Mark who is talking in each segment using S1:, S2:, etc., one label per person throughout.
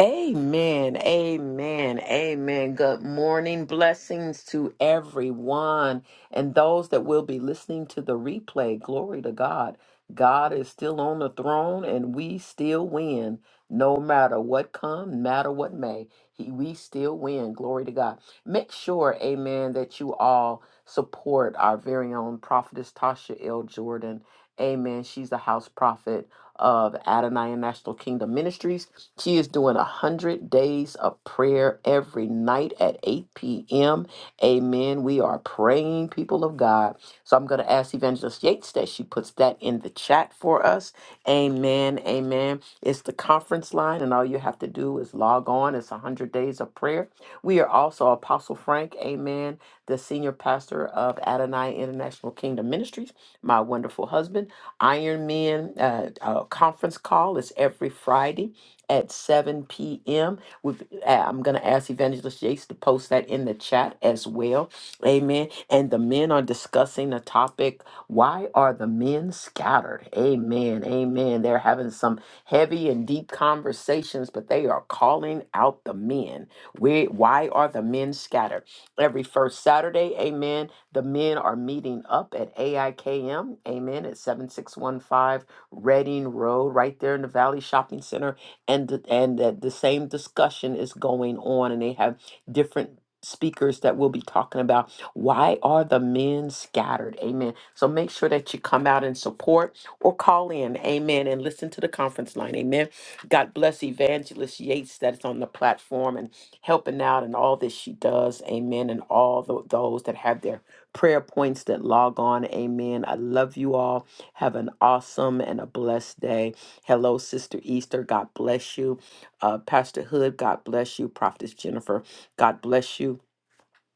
S1: Amen. Amen. Amen. Good morning. Blessings to everyone and those that will be listening to the replay. Glory to God. God is still on the throne and we still win. No matter what come, no matter what may, he, we still win. Glory to God. Make sure, amen, that you all support our very own prophetess Tasha L. Jordan. Amen. She's the house prophet of Adonai National Kingdom Ministries. She is doing 100 days of prayer every night at 8 p.m. Amen. We are praying, people of God. So I'm going to ask Evangelist Yates that she puts that in the chat for us. Amen. Amen. It's the conference line, and all you have to do is log on. It's 100 days of prayer. We are also Apostle Frank, amen, the senior pastor of Adonai International Kingdom Ministries, my wonderful husband. Iron Men uh, uh, conference call is every Friday at 7 p.m. With uh, I'm gonna ask Evangelist Yates to post that in the chat as well. Amen. And the men are discussing the topic, why are the men scattered? Amen. Amen. They're having some heavy and deep conversations, but they are calling out the men. Where why are the men scattered? Every first Saturday, amen. The men are meeting up at AIKM, amen, at 7615 Reading Road, right there in the Valley Shopping Center and th- and that the same discussion is going on and they have different speakers that will be talking about why are the men scattered amen so make sure that you come out and support or call in amen and listen to the conference line amen god bless evangelist yates that's on the platform and helping out and all that she does amen and all tho- those that have their prayer points that log on amen i love you all have an awesome and a blessed day Hello, Sister Easter. God bless you. Uh, Pastor Hood, God bless you. Prophetess Jennifer, God bless you.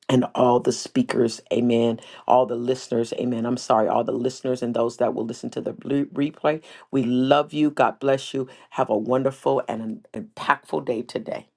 S1: And all the speakers, amen. All the listeners, amen. I'm sorry, all the listeners and those that will listen to the blu- replay. We love you. God bless you. Have a wonderful and an impactful day today.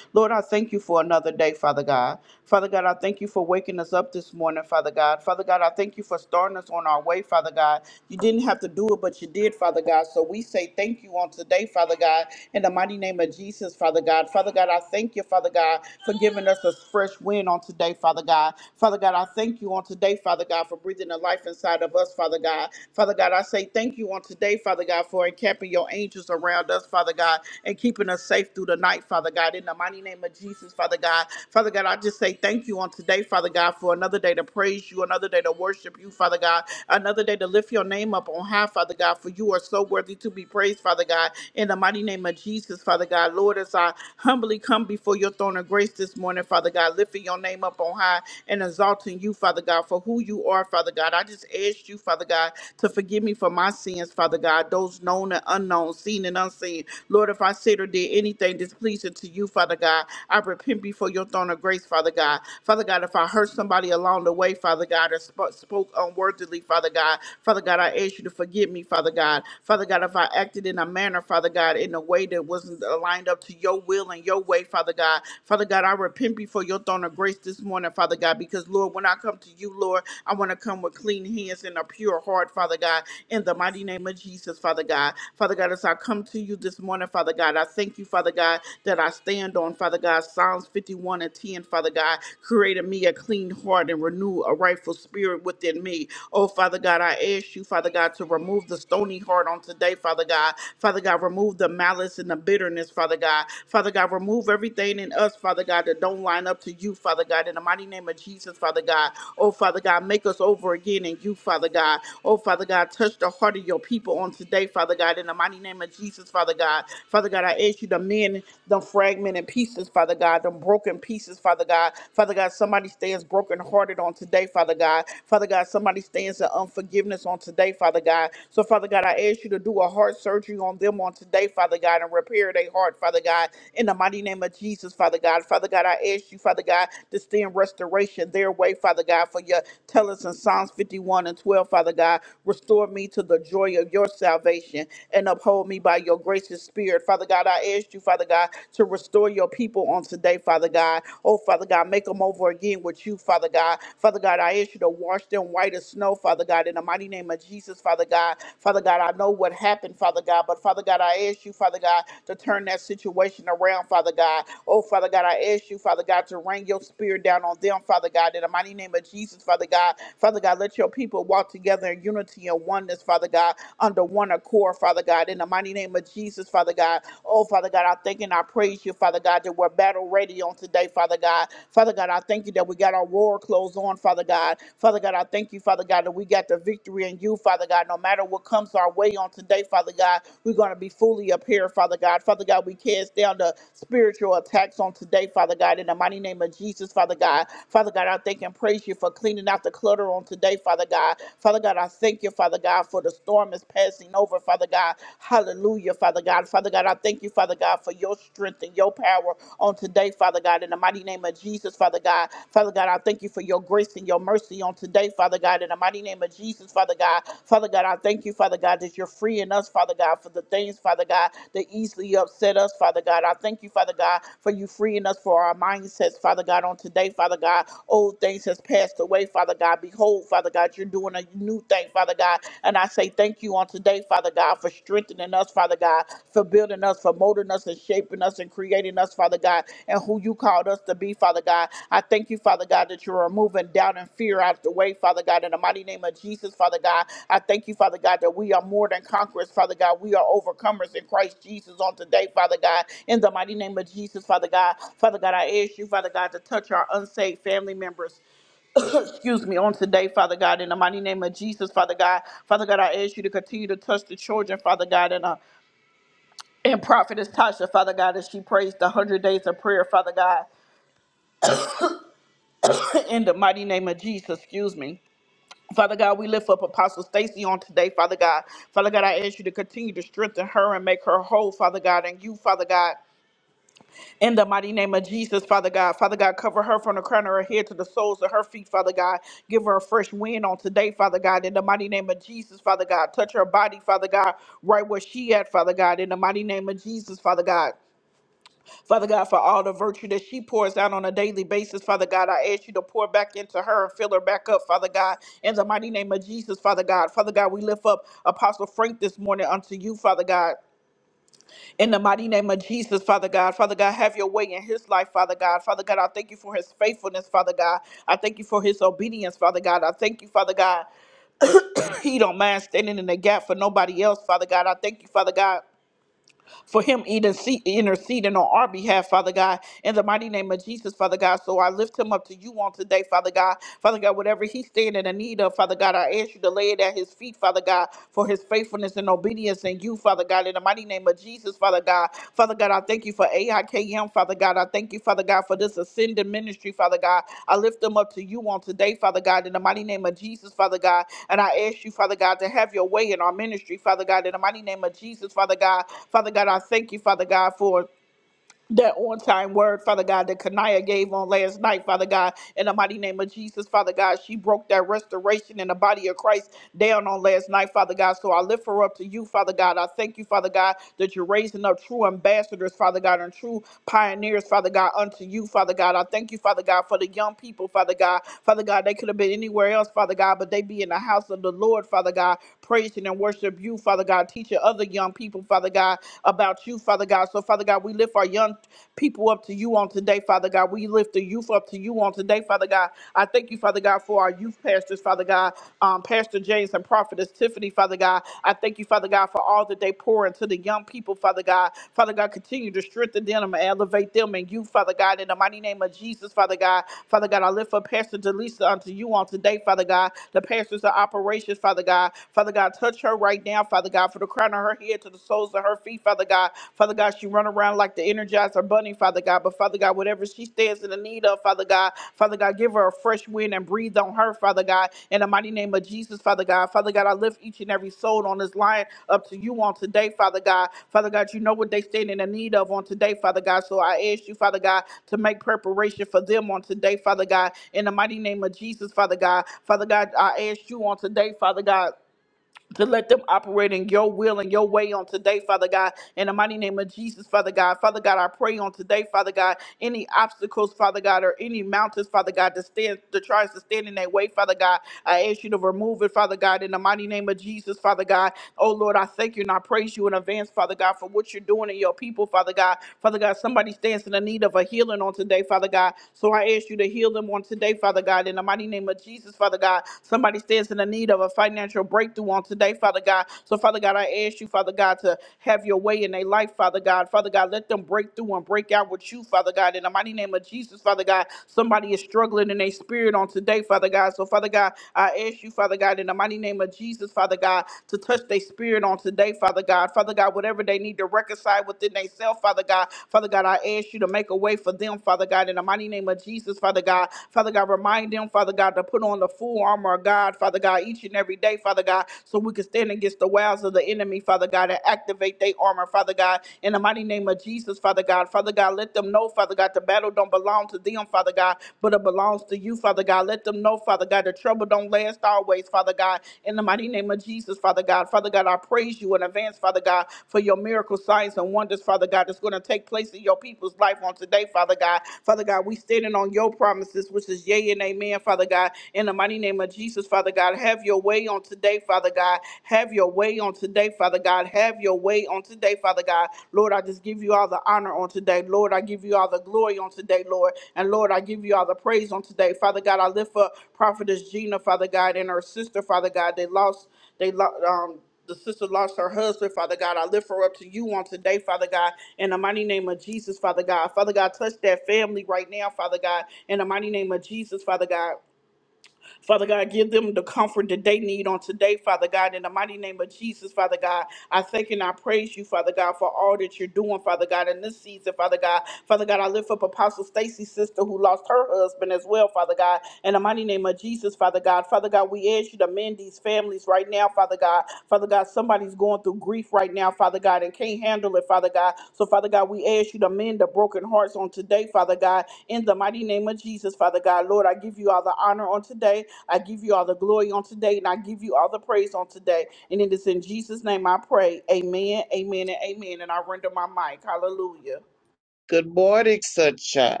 S2: Good morning, sunshine.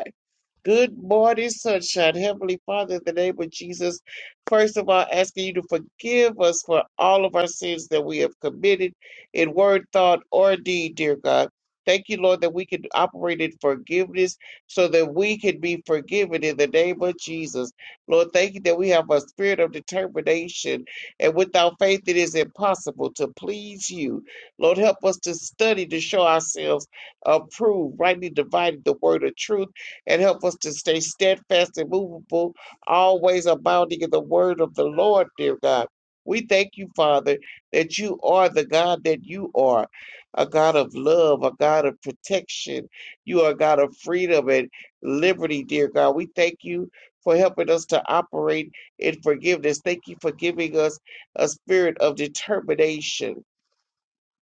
S2: Good morning, sunshine. Heavenly Father, in the name of Jesus, first of all, asking you to forgive us for all of our sins that we have committed in word, thought, or deed, dear God. Thank you, Lord, that we can operate in forgiveness so that we can be forgiven in the name of Jesus. Lord, thank you that we have a spirit of determination, and without faith, it is impossible to please you. Lord, help us to study to show ourselves approved, rightly dividing the word of truth and help us to stay steadfast and movable, always abounding in the word of the Lord, dear God. We thank you, Father, that you are the God that you are, a God of love, a God of protection. You are a God of freedom and liberty, dear God. We thank you for helping us to operate in forgiveness. Thank you for giving us a spirit of determination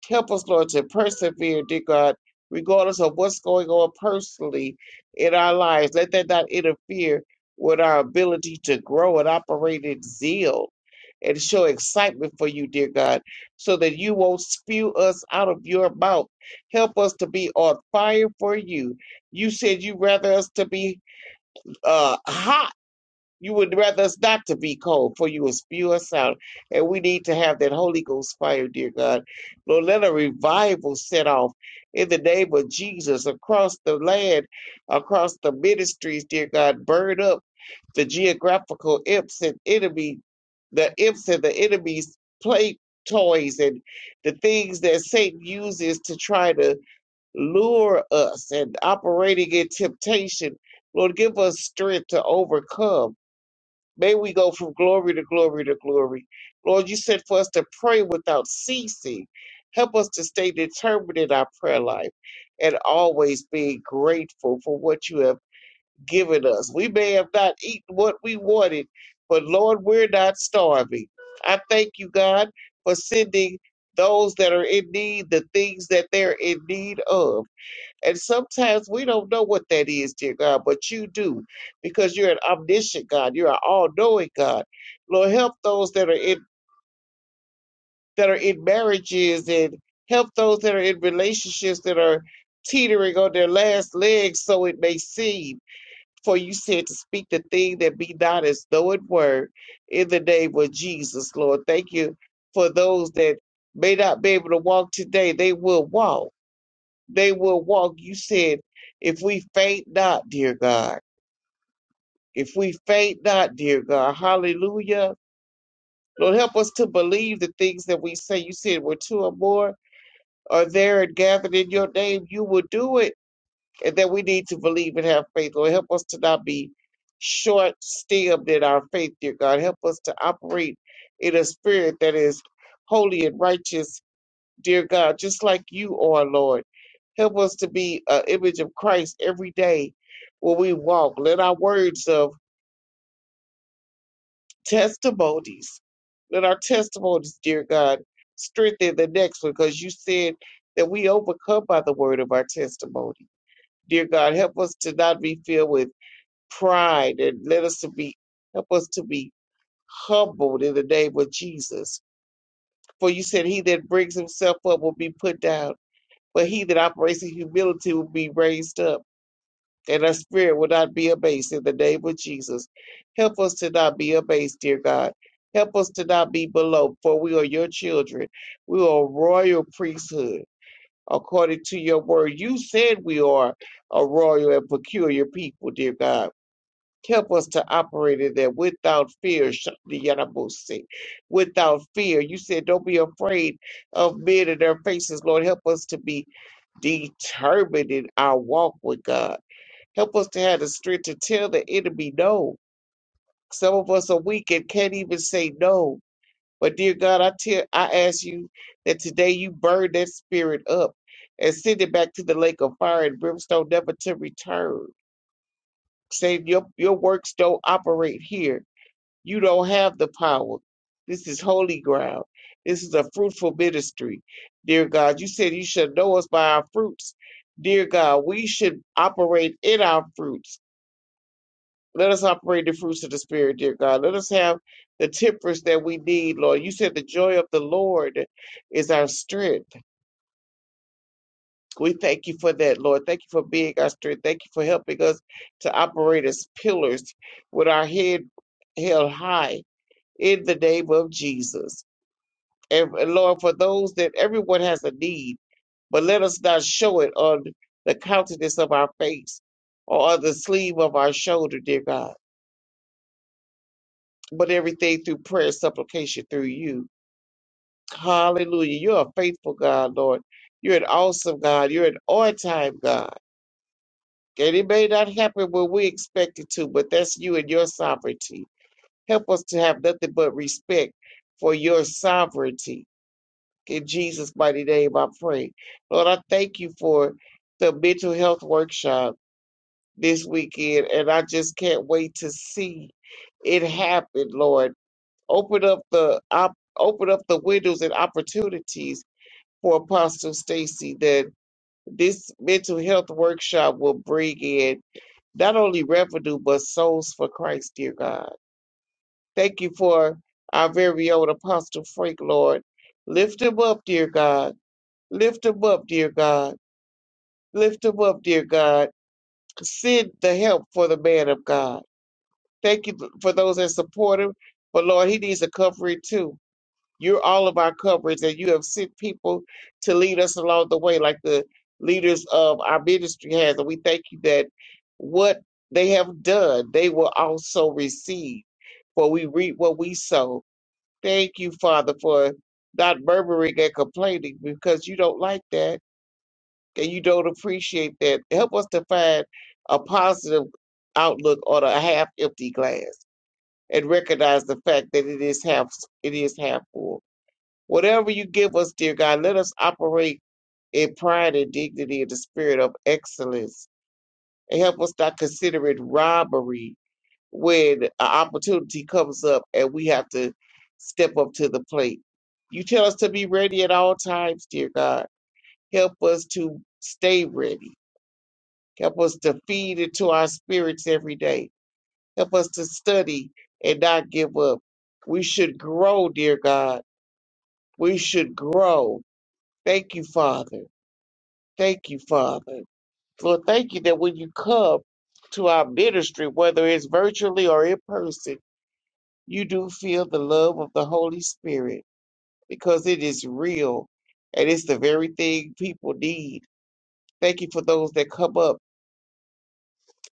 S2: Help us, Lord, to persevere, dear God, regardless of what's going on personally in our lives. Let that not interfere with our ability to grow and operate in zeal and show excitement for you, dear God, so that you won't spew us out of your mouth. Help us to be on fire for you. You said you rather us to be uh, hot you would rather us not to be cold, for you will spew us out. And we need to have that Holy Ghost fire, dear God. Lord, let a revival set off in the name of Jesus across the land, across the ministries, dear God. Burn up the geographical imps and enemy, the imps and the enemy's play toys and the things that Satan uses to try to lure us and operating in temptation. Lord, give us strength to overcome. May we go from glory to glory to glory. Lord, you said for us to pray without ceasing. Help us to stay determined in our prayer life and always be grateful for what you have given us. We may have not eaten what we wanted, but Lord, we're not starving. I thank you, God, for sending those that are in need the things that they're in need of. And sometimes we don't know what that is, dear God, but you do because you're an omniscient God. You're an all knowing God. Lord, help those that are in that are in marriages and help those that are in relationships that are teetering on their last legs, so it may seem. For you said to speak the thing that be not as though it were in the name of Jesus, Lord. Thank you for those that may not be able to walk today. They will walk they will walk. You said, if we faint not, dear God, if we faint not, dear God, hallelujah. Lord, help us to believe the things that we say. You said, where two or more are there and gathered in your name, you will do it. And that we need to believe and have faith. Lord, help us to not be short stabbed in our faith, dear God. Help us to operate in a spirit that is holy and righteous dear God, just like you are, Lord. Help us to be an image of Christ every day where we walk. Let our words of testimonies, let our testimonies, dear God, strengthen the next one because you said that we overcome by the word of our testimony. Dear God, help us to not be filled with pride and let us to be help us to be humbled in the name of Jesus. For you said he that brings himself up will be put down. But he that operates in humility will be raised up, and our spirit will not be abased in the name of Jesus. Help us to not be abased, dear God. Help us to not be below, for we are your children. We are a royal priesthood, according to your word. You said we are a royal and peculiar people, dear God. Help us to operate in that without fear, Shandiyanabusi. Without fear. You said, don't be afraid of men and their faces, Lord. Help us to be determined in our walk with God. Help us to have the strength to tell the enemy no. Some of us are weak and can't even say no. But dear God, I tell I ask you that today you burn that spirit up and send it back to the lake of fire and brimstone never to return. Saying your your works don't operate here. You don't have the power. This is holy ground. This is a fruitful ministry. Dear God, you said you should know us by our fruits. Dear God, we should operate in our fruits. Let us operate the fruits of the Spirit, dear God. Let us have the temperance that we need, Lord. You said the joy of the Lord is our strength. We thank you for that, Lord. Thank you for being our strength. Thank you for helping us to operate as pillars with our head held high in the name of Jesus. and and Lord, for those that everyone has a need, but let us not show it on the countenance of our face or on the sleeve of our shoulder, dear God, but everything through prayer and supplication through you. Hallelujah. You're a faithful God, Lord. You're an awesome God. You're an on time God. And it may not happen when we expect it to, but that's you and your sovereignty. Help us to have nothing but respect for your sovereignty In Jesus' mighty name, I pray. Lord, I thank you for the mental health workshop this weekend, and I just can't wait to see it happen, Lord. Open up the op- open up the windows and opportunities for Apostle Stacy that this mental health workshop will bring in not only revenue but souls for Christ, dear God. Thank you for our very own Apostle Frank, Lord. Lift him up, dear God Lift him up, dear God. Lift him up, dear God. Send the help for the man of God. Thank you for those that support him. But Lord, he needs a covering too. You're all of our coverage, and you have sent people to lead us along the way, like the leaders of our ministry has. And we thank you that what they have done, they will also receive. For we reap what we sow. Thank you, Father, for not murmuring and complaining because you don't like that and you don't appreciate that. Help us to find a positive outlook on a half empty glass and recognize the fact that it is half it is half full. Whatever you give us, dear God, let us operate in pride and dignity and the spirit of excellence. And help us not consider it robbery when an opportunity comes up and we have to step up to the plate. You tell us to be ready at all times, dear God. Help us to stay ready Help us to feed into our spirits every day. Help us to study and not give up. We should grow, dear God. We should grow. Thank you, Father. Thank you, Father. Lord, thank you that when you come to our ministry, whether it's virtually or in person, you do feel the love of the Holy Spirit because it is real and it's the very thing people need. Thank you for those that come up.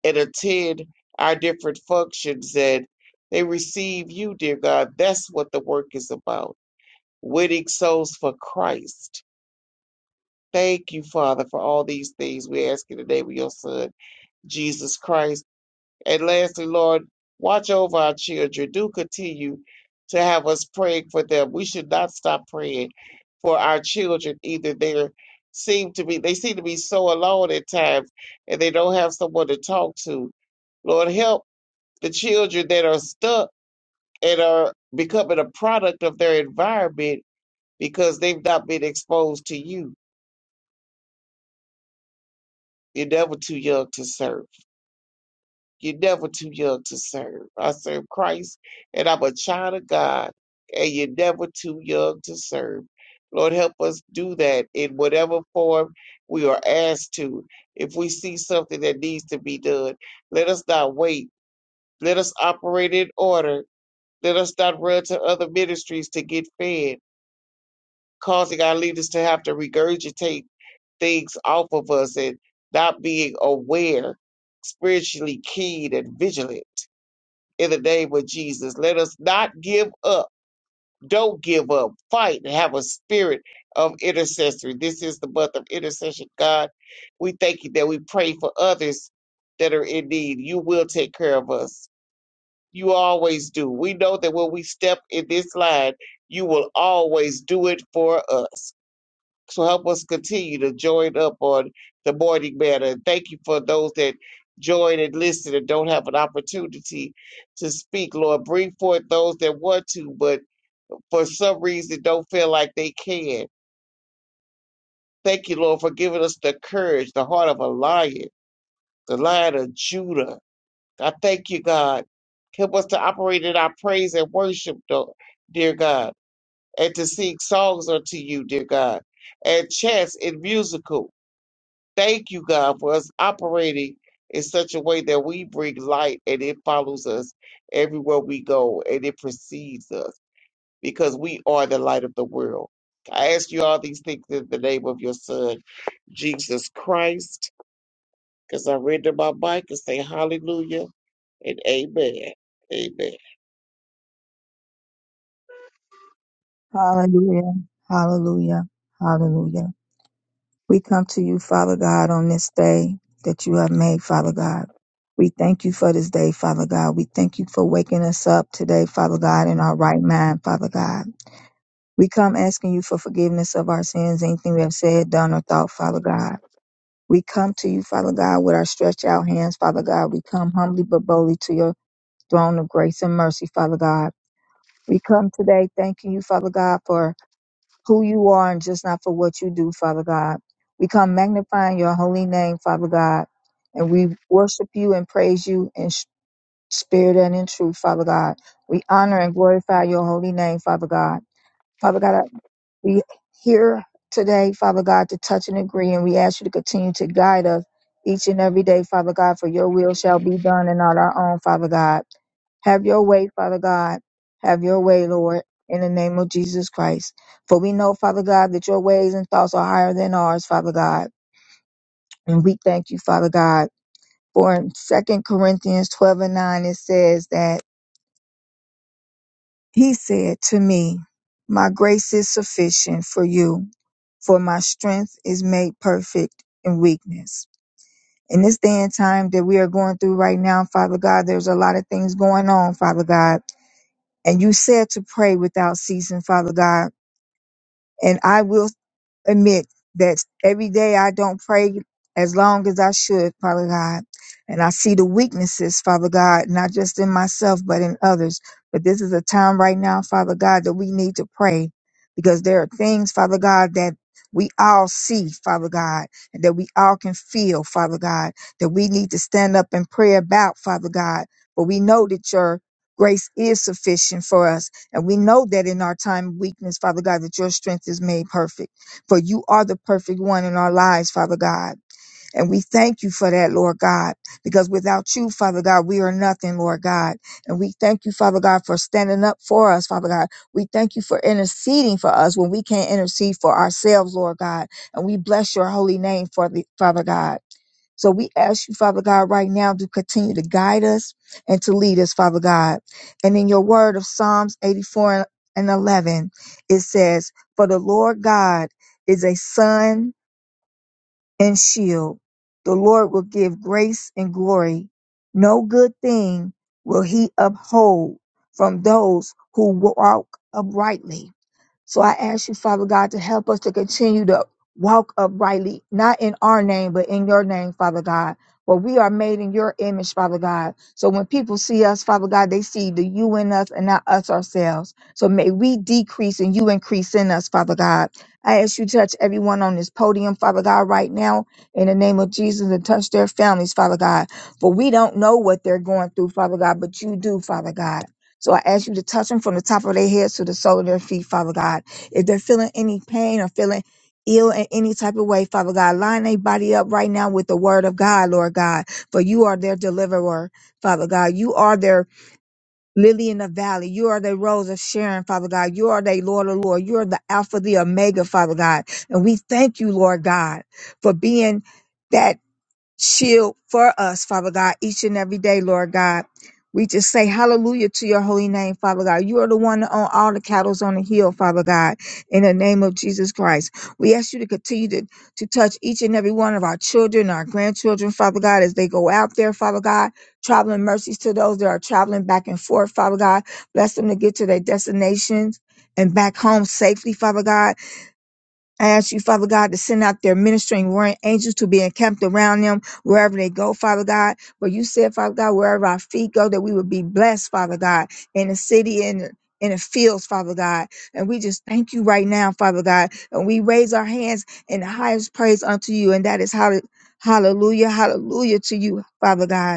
S2: and attend our different functions and they receive you, dear God. That's what the work is about winning souls for Christ. Thank you, Father, for all these things. We ask in the name of your Son, Jesus Christ. And lastly, Lord, watch over our children. Do continue to have us praying for them. We should not stop praying for our children either. They seem to be they seem to be so alone at times and they don't have someone to talk to. Lord, help the children that are stuck and are becoming a product of their environment because they've not been exposed to you. You're never too young to serve. You're never too young to serve. I serve Christ and I'm a child of God, and you're never too young to serve. Lord, help us do that in whatever form we are asked to. If we see something that needs to be done, let us not wait. Let us operate in order. Let us not run to other ministries to get fed causing our leaders to have to regurgitate things off of us and not being aware, spiritually keyed and vigilant. In the name of Jesus, let us not give up. Don't give up. Fight and have a spirit of intercessory. This is the month of intercession. God, we thank you that we pray for others that are in need. You will take care of us. You always do. We know that when we step in this line, you will always do it for us. So help us continue to join up on the morning manner. And thank you for those that join and listen and don't have an opportunity to speak. Lord, bring forth those that want to, but for some reason don't feel like they can. Thank you, Lord, for giving us the courage, the heart of a lion, the lion of Judah. I thank you, God. Help us to operate in our praise and worship, though, dear God, and to sing songs unto you, dear God, and chants in musical. Thank you, God, for us operating in such a way that we bring light and it follows us everywhere we go and it precedes us because we are the light of the world. I ask you all these things in the name of your Son, Jesus Christ, because I render my mic and say hallelujah and amen. Amen.
S3: Hallelujah. Hallelujah. Hallelujah. We come to you, Father God, on this day that you have made, Father God. We thank you for this day, Father God. We thank you for waking us up today, Father God, in our right mind, Father God. We come asking you for forgiveness of our sins, anything we have said, done, or thought, Father God. We come to you, Father God, with our stretched out hands, Father God. We come humbly but boldly to your throne of grace and mercy, Father God. We come today thanking you, Father God, for who you are and just not for what you do, Father God. We come magnifying your holy name, Father God, and we worship you and praise you in sh- spirit and in truth, Father God. We honor and glorify your holy name, Father God. Father God, I we here today, Father God, to touch and agree, and we ask you to continue to guide us each and every day, Father God, for your will shall be done and not our own, Father God. Have your way, Father God. Have your way, Lord, in the name of Jesus Christ. For we know, Father God, that your ways and thoughts are higher than ours, Father God. And we thank you, Father God. For in Second Corinthians 12 and 9, it says that He said to me, My grace is sufficient for you, for my strength is made perfect in weakness. In this day and time that we are going through right now, Father God, there's a lot of things going on, Father God. And you said to pray without ceasing, Father God. And I will admit that every day I don't pray as long as I should, Father God. And I see the weaknesses, Father God, not just in myself, but in others. But this is a time right now, Father God, that we need to pray because there are things, Father God, that we all see, Father God, and that we all can feel, Father God, that we need to stand up and pray about, Father God. But we know that your grace is sufficient for us. And we know that in our time of weakness, Father God, that your strength is made perfect for you are the perfect one in our lives, Father God. And we thank you for that, Lord God, because without you, Father God, we are nothing, Lord God. And we thank you, Father God, for standing up for us, Father God. We thank you for interceding for us when we can't intercede for ourselves, Lord God. And we bless your holy name for the Father God. So we ask you, Father God, right now to continue to guide us and to lead us, Father God. And in your word of Psalms 84 and 11, it says, For the Lord God is a sun and shield. The Lord will give grace and glory. No good thing will he uphold from those who walk uprightly. So I ask you, Father God, to help us to continue to walk uprightly, not in our name, but in your name, Father God. For we are made in your image, Father God. So when people see us, Father God, they see the you in us and not us ourselves. So may we decrease and you increase in us, Father God. I ask you to touch everyone on this podium, Father God, right now, in the name of Jesus, and touch their families, Father God. For we don't know what they're going through, Father God, but you do, Father God. So I ask you to touch them from the top of their heads to the sole of their feet, Father God. If they're feeling any pain or feeling ill in any type of way, Father God, line their body up right now with the word of God, Lord God, for you are their deliverer, Father God. You are their lily in the valley. You are their rose of Sharon, Father God. You are their Lord of Lord. You are the Alpha, the Omega, Father God. And we thank you, Lord God, for being that shield for us, Father God, each and every day, Lord God. We just say hallelujah to your holy name, Father God. You are the one that own all the cattle on the hill, Father God, in the name of Jesus Christ. We ask you to continue to, to touch each and every one of our children, our grandchildren, Father God, as they go out there, Father God. Traveling mercies to those that are traveling back and forth, Father God. Bless them to get to their destinations and back home safely, Father God. I ask you, Father God, to send out their ministering warring angels to be encamped around them wherever they go, Father God. But you said, Father God, wherever our feet go, that we would be blessed, Father God, in the city and in in the fields, Father God. And we just thank you right now, Father God. And we raise our hands in the highest praise unto you. And that is hall- hallelujah, hallelujah to you, Father God.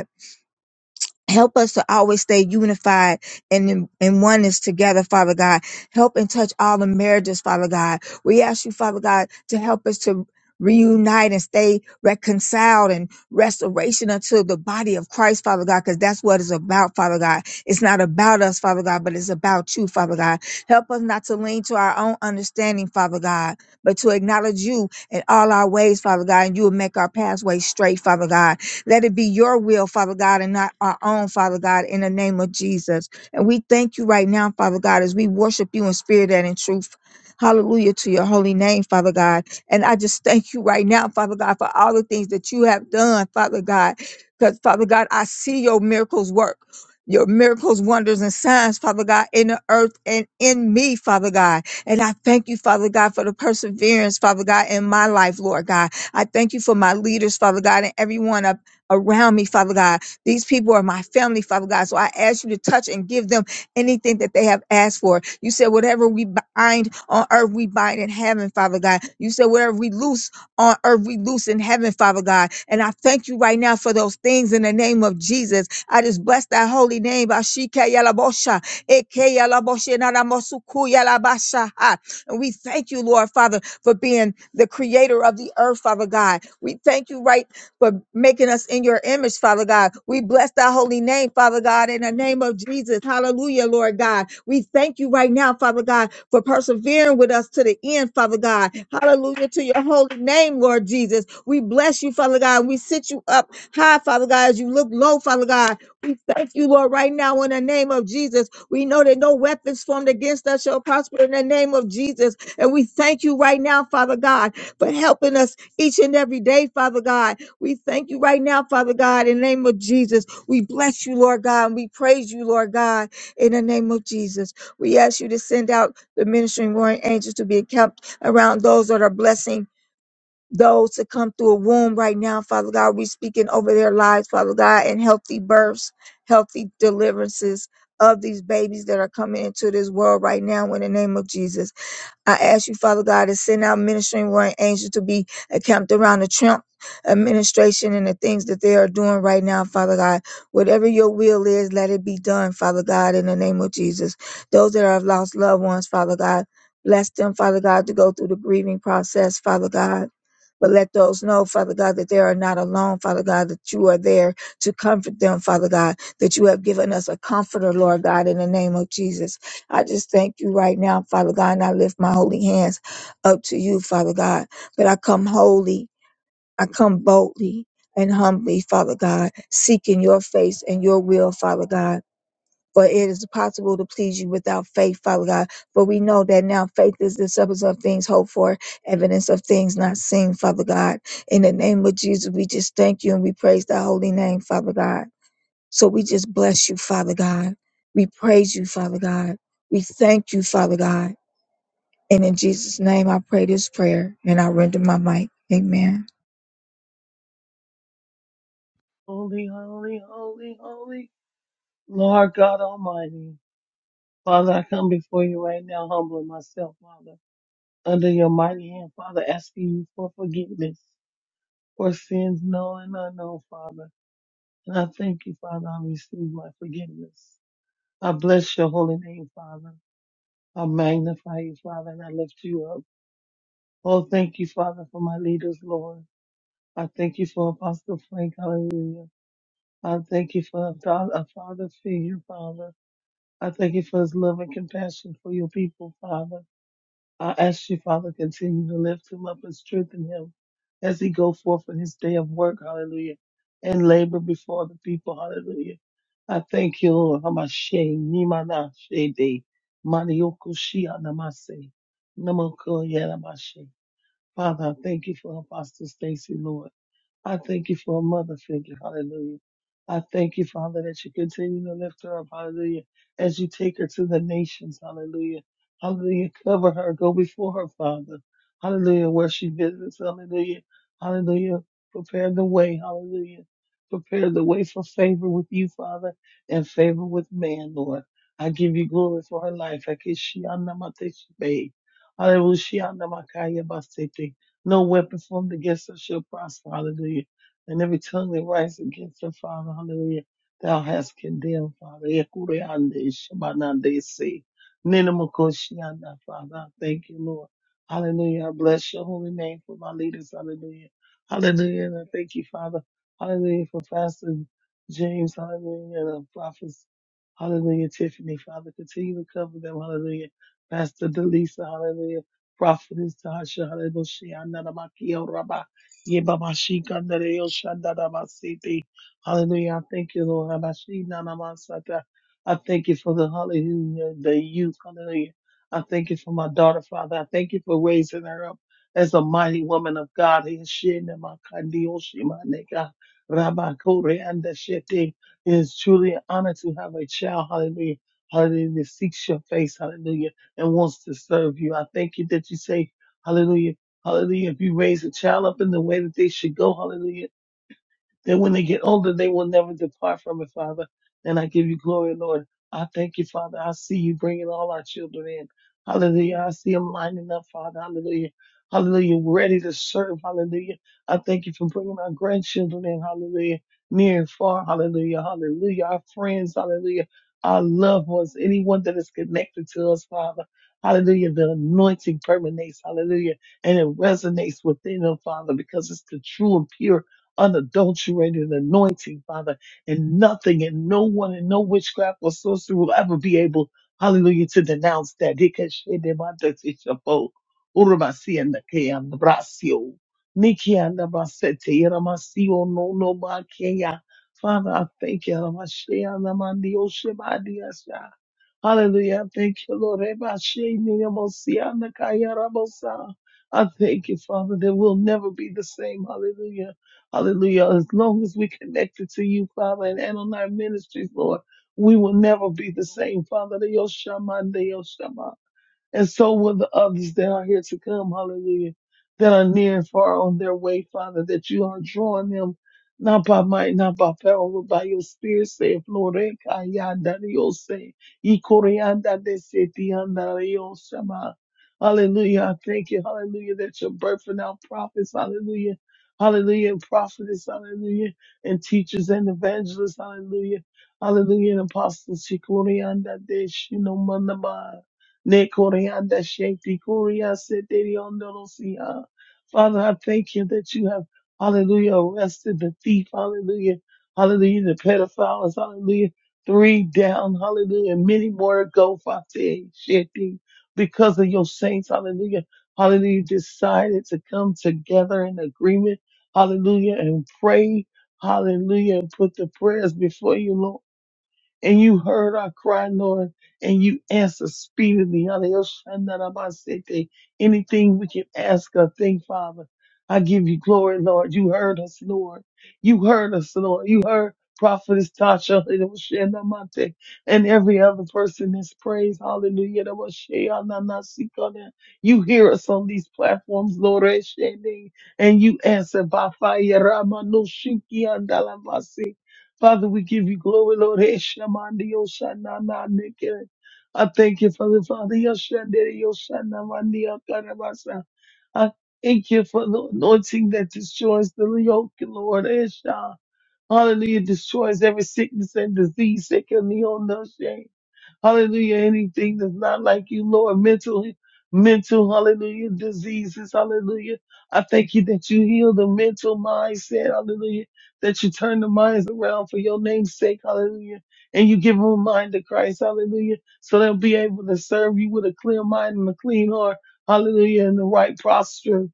S3: Help us to always stay unified and in, in oneness together, Father God. Help and touch all the marriages, Father God. We ask you, Father God, to help us to reunite and stay reconciled and restoration unto the body of Christ, Father God, because that's what it's about, Father God. It's not about us, Father God, but it's about you, Father God. Help us not to lean to our own understanding, Father God, but to acknowledge you in all our ways, Father God, and you will make our pathway straight, Father God. Let it be your will, Father God, and not our own, Father God, in the name of Jesus. And we thank you right now, Father God, as we worship you in spirit and in truth. Hallelujah to your holy name, Father God. And I just thank you right now, Father God, for all the things that you have done, Father God. Because, Father God, I see your miracles work, your miracles, wonders, and signs, Father God, in the earth and in me, Father God. And I thank you, Father God, for the perseverance, Father God, in my life, Lord God. I thank you for my leaders, Father God, and everyone around me, Father God. These people are my family, Father God. So I ask you to touch and give them anything that they have asked for. You said, whatever we bind on earth, we bind in heaven, Father God. You said, whatever we loose on earth, we loose in heaven, Father God. And I thank you right now for those things in the name of Jesus. I just bless that holy name. Ashikeyalabosha, ekeyalaboshenanamosukujalabasha. And we thank you, Lord Father, for being the creator of the earth, Father God. We thank you right for making us in your image, Father God. We bless thy holy name, Father God, in the name of Jesus. Hallelujah, Lord God. We thank you right now, Father God, for persevering with us to the end, Father God. Hallelujah to your holy name, Lord Jesus. We bless you, Father God. We sit you up high, Father God, as you look low, Father God. We thank you, Lord, right now in the name of Jesus. We know that no weapons formed against us shall prosper in the name of Jesus. And we thank you right now, Father God, for helping us each and every day, Father God. We thank you right now, Father God, in the name of Jesus. We bless you, Lord God, and we praise you, Lord God, in the name of Jesus. We ask you to send out the ministering warring angels to be kept around those that are blessing those to come through a womb right now, Father God. We speaking over their lives, Father God, and healthy births, healthy deliverances of these babies that are coming into this world right now in the name of Jesus. I ask you, Father God, to send out ministering warring angels to be encamped around the Trump administration and the things that they are doing right now, Father God. Whatever your will is, let it be done, Father God, in the name of Jesus. Those that have lost loved ones, Father God, bless them, Father God, to go through the grieving process, Father God. But let those know, Father God, that they are not alone, Father God, that you are there to comfort them, Father God, that you have given us a comforter, Lord God, in the name of Jesus. I just thank you right now, Father God, and I lift my holy hands up to you, Father God. But I come holy, I come boldly and humbly, Father God, seeking your face and your will, Father God. For it is possible to please you without faith, Father God. For we know that now faith is the substance of things hoped for, evidence of things not seen, Father God. In the name of Jesus, we just thank you and we praise thy holy name, Father God. So we just bless you, Father God. We praise you, Father God. We thank you, Father God. And in Jesus' name, I pray this prayer and I render my mic. Amen.
S4: Holy, holy, holy, holy, Lord God Almighty. Father, I come before you right now, humbling myself, Father, under your mighty hand, Father, asking you for forgiveness for sins known and unknown, Father. And I thank you, Father, I receive my forgiveness. I bless your holy name, Father. I magnify you, Father, and I lift you up. Oh, thank you, Father, for my leaders, Lord. I thank you for Apostle Frank, hallelujah. I thank you for a father, a father figure, Father. I thank you for his love and compassion for your people, Father. I ask you, Father, continue to lift him up and strengthen him as he go forth in his day of work, hallelujah, and labor before the people, hallelujah. I thank you, Lord. Hamashe, Nimana, Shede, Manioku, Shia, Namase, Namoko, Yadamashe. Father, I thank you for Apostle Stacy, Lord. I thank you for a mother figure. Hallelujah. I thank you, Father, that you continue to lift her up. Hallelujah. As you take her to the nations. Hallelujah. Hallelujah. Cover her. Go before her, Father. Hallelujah. Where she visits. Hallelujah. Hallelujah. Prepare the way. Hallelujah. Prepare the way for favor with you, Father, and favor with man, Lord. I give you glory for her life. I kiss Hallelujah. No weapon formed against us shall prosper. Hallelujah. And every tongue that rises against her, Father, hallelujah, thou hast condemned, Father. Ekureande shamanande se. Nenemakoshianda, Father. I Thank you, Lord. Hallelujah. I bless your holy name for my leaders. Hallelujah. Hallelujah. And I thank you, Father. Hallelujah. For Pastor James. Hallelujah. And the prophets. Hallelujah. Tiffany, Father. Continue to cover them. Hallelujah. Pastor Delisa. Hallelujah. Prophetess Tasha Haraboshi Andaramaki Oraba Yebabashi Kandareo Shandaramasi. Hallelujah. I Thank you, Lord. Rabashi Nanamasata. I thank you for the hallelujah, the youth. Hallelujah. I thank you for my daughter, Father. I thank you for raising her up as a mighty woman of God. He shin and Rabba Kore and It is truly an honor to have a child. Hallelujah. Hallelujah. That seeks your face. Hallelujah and wants to serve you. I thank you that you say, hallelujah, hallelujah. If you raise a child up in the way that they should go, hallelujah, that when they get older, they will never depart from it, Father. And I give you glory, Lord. I thank you, Father. I see you bringing all our children in. Hallelujah. I see them lining up, Father. Hallelujah. Hallelujah. Ready to serve. Hallelujah. I thank you for bringing our grandchildren in. Hallelujah. Near and far. Hallelujah. Hallelujah. Our friends. Hallelujah. Our loved ones. Anyone that is connected to us, Father. Hallelujah. The anointing permeates. Hallelujah. And it resonates within them, Father, because it's the true and pure unadulterated anointing, Father, and nothing and no one and no witchcraft or sorcery will ever be able, hallelujah, to denounce that. Ikeshedebadetishabo, urabasianakeanabrasio, nikianabaseteyeramasio, no no makeya. Father, I thank you. Ramasheanamandioshabadiasha. Hallelujah. Thank you, Lord. Eba sheni yabosi anakaya rabosa. I thank you, Father, that we'll never be the same. Hallelujah. Hallelujah. As long as we are connected to you, Father, and, and on our ministries, Lord, we will never be the same, Father. Yoshama, and so will the others that are here to come, hallelujah, that are near and far on their way, Father, that you are drawing them not by might, not by power, but by your spirit, saith Lord. Ekayandariose, ikoreandadesetiandariosama. Hallelujah. I thank you. Hallelujah. That you're birthing out prophets. Hallelujah. Hallelujah. And prophetess. Hallelujah. And teachers and evangelists. Hallelujah. Hallelujah. And apostles. Shikoriandadeshinomandamai. Ne koreanda shakti korea seteri ondolosia. Father, I thank you that you have, hallelujah, arrested the thief, hallelujah, hallelujah, the pedophiles, hallelujah, three down, hallelujah, many more to go, Father, shakti, because of your saints, hallelujah, hallelujah, decided to come together in agreement, hallelujah, and pray, hallelujah, and put the prayers before you, Lord and you heard our cry, Lord, and you answer speedily. Hallelujah. Shandarabasete. Anything we can ask or think, Father, I give you glory, Lord. You heard us, Lord. You heard us, Lord. You heard Prophetess Tasha Hallelujah, Shandamate, and every other person that's praised. Hallelujah. Shandanasikoda. You hear us on these platforms, Lord, Shande, and you answer by fire. Ramanushiki Father, we give you glory, Lord. Heshamandi Yosanana Nike. I thank you, Father, Father. Yoshande Yosanamandi Akarabasa. I thank you for the anointing that destroys the yoke, Lord. Hesha. Hallelujah. Destroys every sickness and disease. that can be on Sekendi Ondoshe. Hallelujah. Anything that's not like you, Lord, mentally, mental, hallelujah, diseases, hallelujah. I thank you that you heal the mental mindset, hallelujah, that you turn the minds around for your name's sake, hallelujah. And you give them a mind to Christ, hallelujah, so they'll be able to serve you with a clear mind and a clean heart, hallelujah, and the right posture.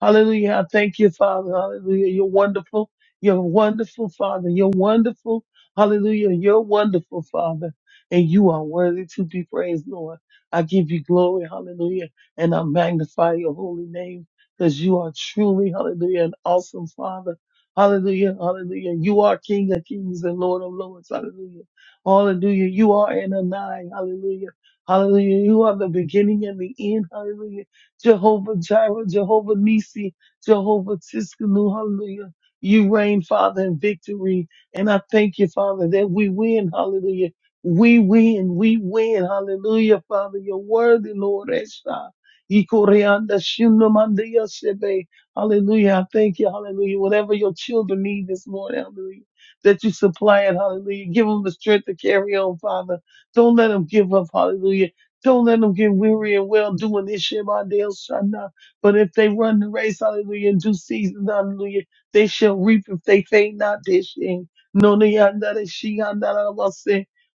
S4: Hallelujah. I thank you, Father. Hallelujah. You're wonderful. You're wonderful, Father. You're wonderful. Hallelujah. You're wonderful, Father and you are worthy to be praised, Lord. I give you glory, hallelujah, and I magnify your holy name because you are truly, hallelujah, an awesome Father. Hallelujah, hallelujah. You are King of kings and Lord of lords, hallelujah. Hallelujah. You are an Anai, hallelujah. Hallelujah. You are the beginning and the end, hallelujah. Jehovah Jireh, Jehovah Nisi, Jehovah Tiskanu, hallelujah. You reign, Father, in victory. And I thank you, Father, that we win, hallelujah we win, we win. Hallelujah, Father. You're worthy, Lord. Esa. Ikoreanda shunamandia sebe. Hallelujah. I thank you. Hallelujah. Whatever your children need this morning, hallelujah, that you supply it. Hallelujah. Give them the strength to carry on, Father. Don't let them give up. Hallelujah. Don't let them get weary and well doing this Shemandiel Shana. But if they run the race, hallelujah, in due season, hallelujah, they shall reap if they faint not this year. No, they are not. She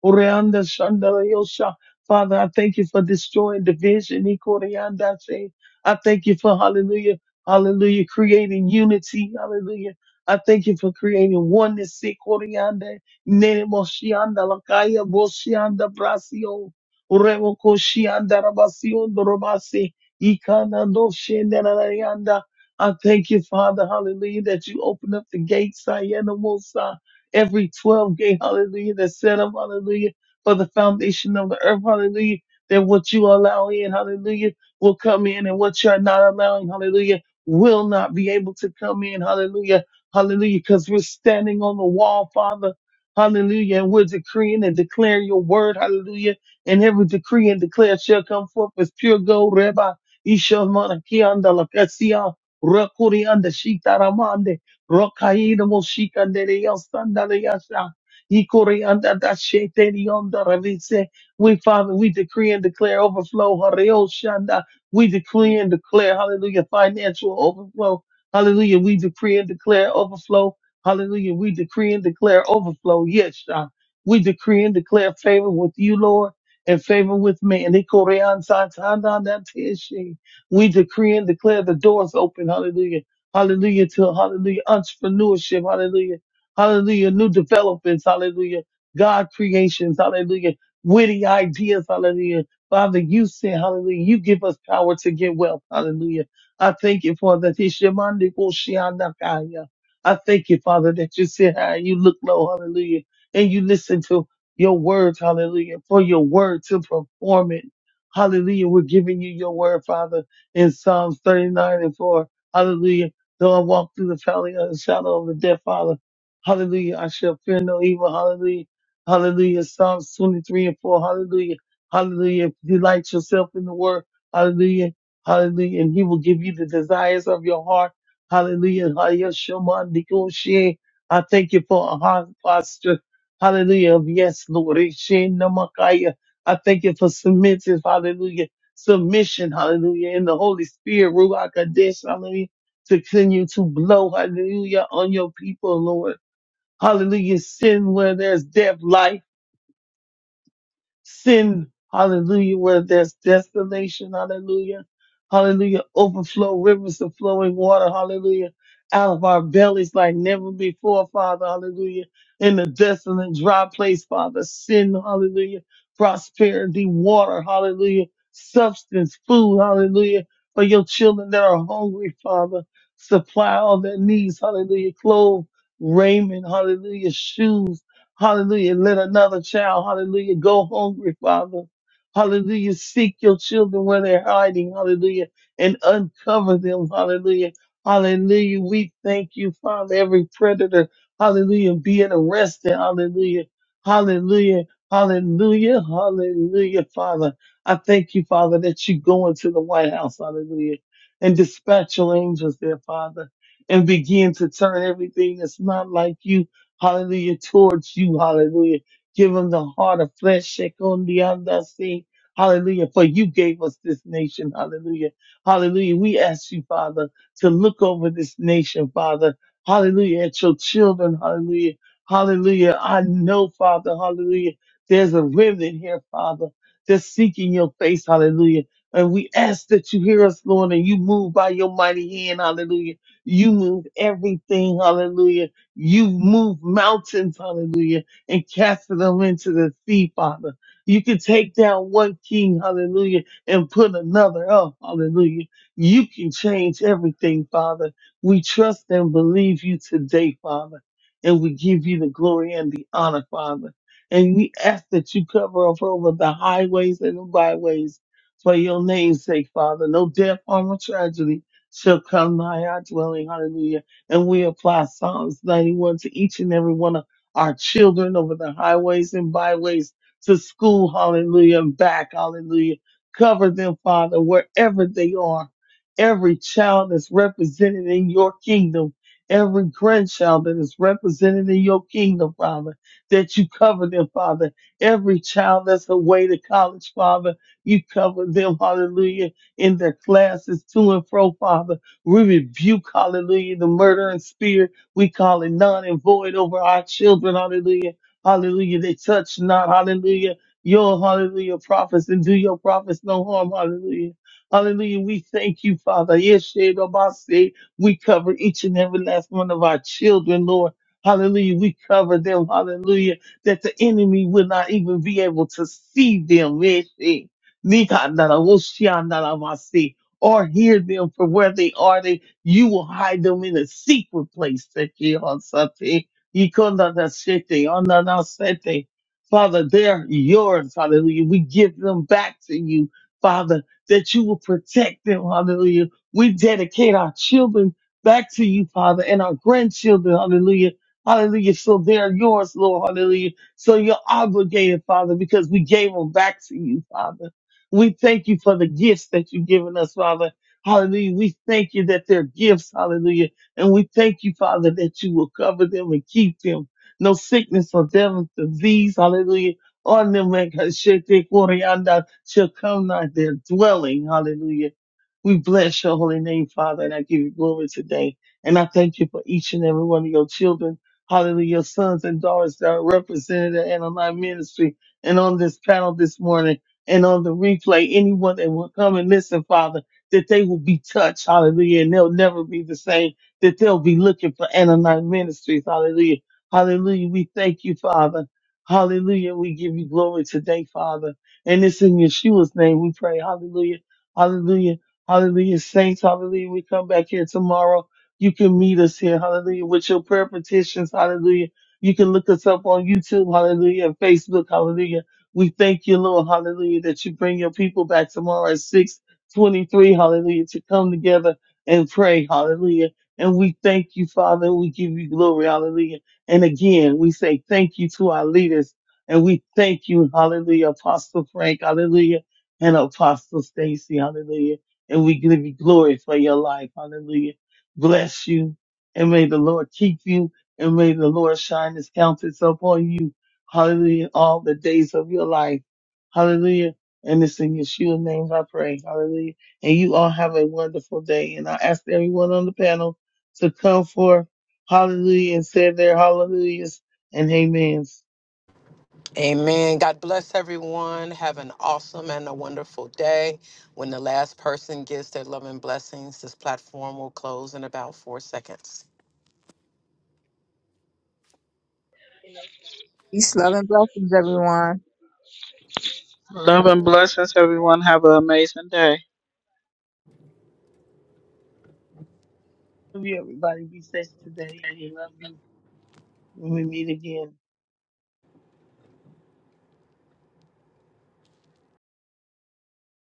S4: Oreanda Shandarayosha. Father, I thank you for destroying division. Ikoreanda se. I thank you for hallelujah, hallelujah, creating unity. Hallelujah. I thank you for creating oneness. Ikoreanda nene moshianda lakaya boshianda brasio. Urevo koshianda rabasio dorobasi. Ikana doshianda rayanda. I thank you, Father, hallelujah, that you open up the gates. I am every 12 gate, hallelujah, that's set up, hallelujah, for the foundation of the earth, hallelujah, that what you allow in, hallelujah, will come in and what you're not allowing, hallelujah, will not be able to come in, hallelujah, hallelujah, because we're standing on the wall, Father, hallelujah, and we're decreeing and declaring your word, hallelujah, and every decree and declare shall come forth as pure gold, Rabbi, Isha Manakianda Lakasia, Rakurianda Rokaina Moshika Nereya Sandaleyasa. Ikore anda da sheteri onda revise. We Father, we decree and declare overflow. Hareo shanda. We decree and declare, hallelujah, financial overflow. Hallelujah. We decree and declare overflow. Hallelujah. We decree and declare overflow. Yes, God. We decree and declare favor with you, Lord, and favor with me. And Ikore ansatanda na teshe. we decree and declare the doors open. Hallelujah hallelujah, to hallelujah, entrepreneurship, hallelujah, hallelujah, new developments, hallelujah, God creations, hallelujah, witty ideas, hallelujah. Father, you said, hallelujah, you give us power to get wealth, hallelujah. I thank you, Father. that it's mind that will shine I thank you, Father, that you sit high, you look low, hallelujah, and you listen to your words, hallelujah, for your word to perform it. Hallelujah. We're giving you your word, Father, in Psalms 39 and 4. Hallelujah. Though I walk through the valley of the shadow of the death, Father, hallelujah, I shall fear no evil, hallelujah, hallelujah. Psalms 23 and 4, hallelujah, hallelujah. Delight yourself in the word, hallelujah, hallelujah, and he will give you the desires of your heart, hallelujah. Hallelujah. Shema Nikoshe. I thank you for a heart posture, hallelujah, of yes, Lord. Ishe Namakaya. I thank you for submissive, hallelujah, submission, hallelujah, in the Holy Spirit, Ruach Kadesh, hallelujah to continue to blow, hallelujah, on your people, Lord. Hallelujah. Send where there's death, life. Send, hallelujah, where there's desolation, hallelujah. Hallelujah. Overflow rivers of flowing water, hallelujah, out of our bellies like never before, Father, hallelujah. In the desolate, dry place, Father, send, hallelujah, prosperity, water, hallelujah, substance, food, hallelujah, for your children that are hungry, Father. Supply all their needs, hallelujah, clothes, raiment, hallelujah, shoes, Hallelujah. Let another child, hallelujah, go hungry, Father. Hallelujah. Seek your children where they're hiding. Hallelujah. And uncover them. Hallelujah. Hallelujah. We thank you, Father. Every predator, hallelujah, being arrested. Hallelujah. Hallelujah. Hallelujah. Hallelujah, Father. I thank you, Father, that you go into the White House. Hallelujah. And dispatch your angels there, Father, and begin to turn everything that's not like you hallelujah, towards you, hallelujah. Give them the heart of flesh, shake on the other sea, hallelujah, for you gave us this nation, hallelujah, hallelujah. We ask you, Father, to look over this nation, Father, hallelujah, at your children, hallelujah, hallelujah. I know, Father, hallelujah, there's a remnant here, Father, that's seeking your face, hallelujah. And we ask that you hear us, Lord, and you move by your mighty hand, hallelujah. You move everything, hallelujah You've moved mountains, hallelujah, and casted them into the sea, Father. You can take down one king, hallelujah, and put another up, hallelujah. You can change everything, Father. We trust and believe you today, Father, and we give you the glory and the honor, Father. And we ask that you cover us over the highways and the byways for your name's sake, Father. No death, harm, or tragedy shall come nigh our dwelling, hallelujah and we apply Psalms 91 to each and every one of our children over the highways and byways to school, hallelujah, and back, hallelujah. Cover them, Father, wherever they are. Every child that's represented in your kingdom, every grandchild that is represented in your kingdom, Father, that you cover them, Father. Every child that's away to college, Father, you cover them, hallelujah, in their classes to and fro, Father. We rebuke, hallelujah, the murdering spirit. We call it none and void over our children, hallelujah. Hallelujah. They touch not, hallelujah. Your hallelujah prophets and do your prophets no harm, hallelujah. Hallelujah. We thank you, Father. Yes, Shadabase. We cover each and every last one of our children, Lord. Hallelujah. We cover them, hallelujah, that the enemy will not even be able to see them. Yes, eh. Nika nara woshia nara masi or hear them from where they are. They you will hide them in a secret place that ye on something. Ye kunda da shete, onda da sete. Father, they're yours, hallelujah. We give them back to you, Father, that you will protect them, hallelujah. We dedicate our children back to you, Father, and our grandchildren, hallelujah. Hallelujah. So they're yours, Lord, hallelujah. So you're obligated, Father, because we gave them back to you, Father. We thank you for the gifts that you've given us, Father. Hallelujah. We thank you that they're gifts. Hallelujah. And we thank you, Father, that you will cover them and keep them. No sickness or devil, disease. Hallelujah. On them, man, 'cause shit, they glory and Kashete Koryanda shall come not their dwelling. Hallelujah. We bless your holy name, Father, and I give you glory today. And I thank you for each and every one of your children. Hallelujah. Your sons and daughters that are represented in our ministry and on this panel this morning and on the replay, anyone that will come and listen, Father, that they will be touched, hallelujah, and they'll never be the same, that they'll be looking for Ananite Ministries, hallelujah. Hallelujah. We thank you, Father. Hallelujah. We give you glory today, Father. And it's in Yeshua's name we pray. Hallelujah. Hallelujah. Hallelujah. Saints, hallelujah. We come back here tomorrow. You can meet us here, hallelujah, with your prayer petitions, hallelujah. You can look us up on YouTube, hallelujah, and Facebook, hallelujah. We thank you, Lord, hallelujah, that you bring your people back tomorrow at 623, hallelujah, to come together and pray, hallelujah. And we thank you, Father, and we give you glory, hallelujah. And again, we say thank you to our leaders, and we thank you, hallelujah, Apostle Frank, hallelujah, and Apostle Stacy, hallelujah. And we give you glory for your life, hallelujah. Bless you, and may the Lord keep you, and may the Lord shine his countenance upon you Hallelujah. All the days of your life. Hallelujah. And it's in Yeshua's name I pray. Hallelujah. And you all have a wonderful day. And I ask everyone on the panel to come forth. Hallelujah. And say their hallelujah and amens.
S1: Amen. God bless everyone. Have an awesome and a wonderful day. When the last person gives their love and blessings, this platform will close in about four seconds.
S3: Peace, love, and blessings, everyone.
S5: Love and blessings, everyone. Have an amazing day.
S4: Love you, everybody. Be safe today. And we love you when we meet again.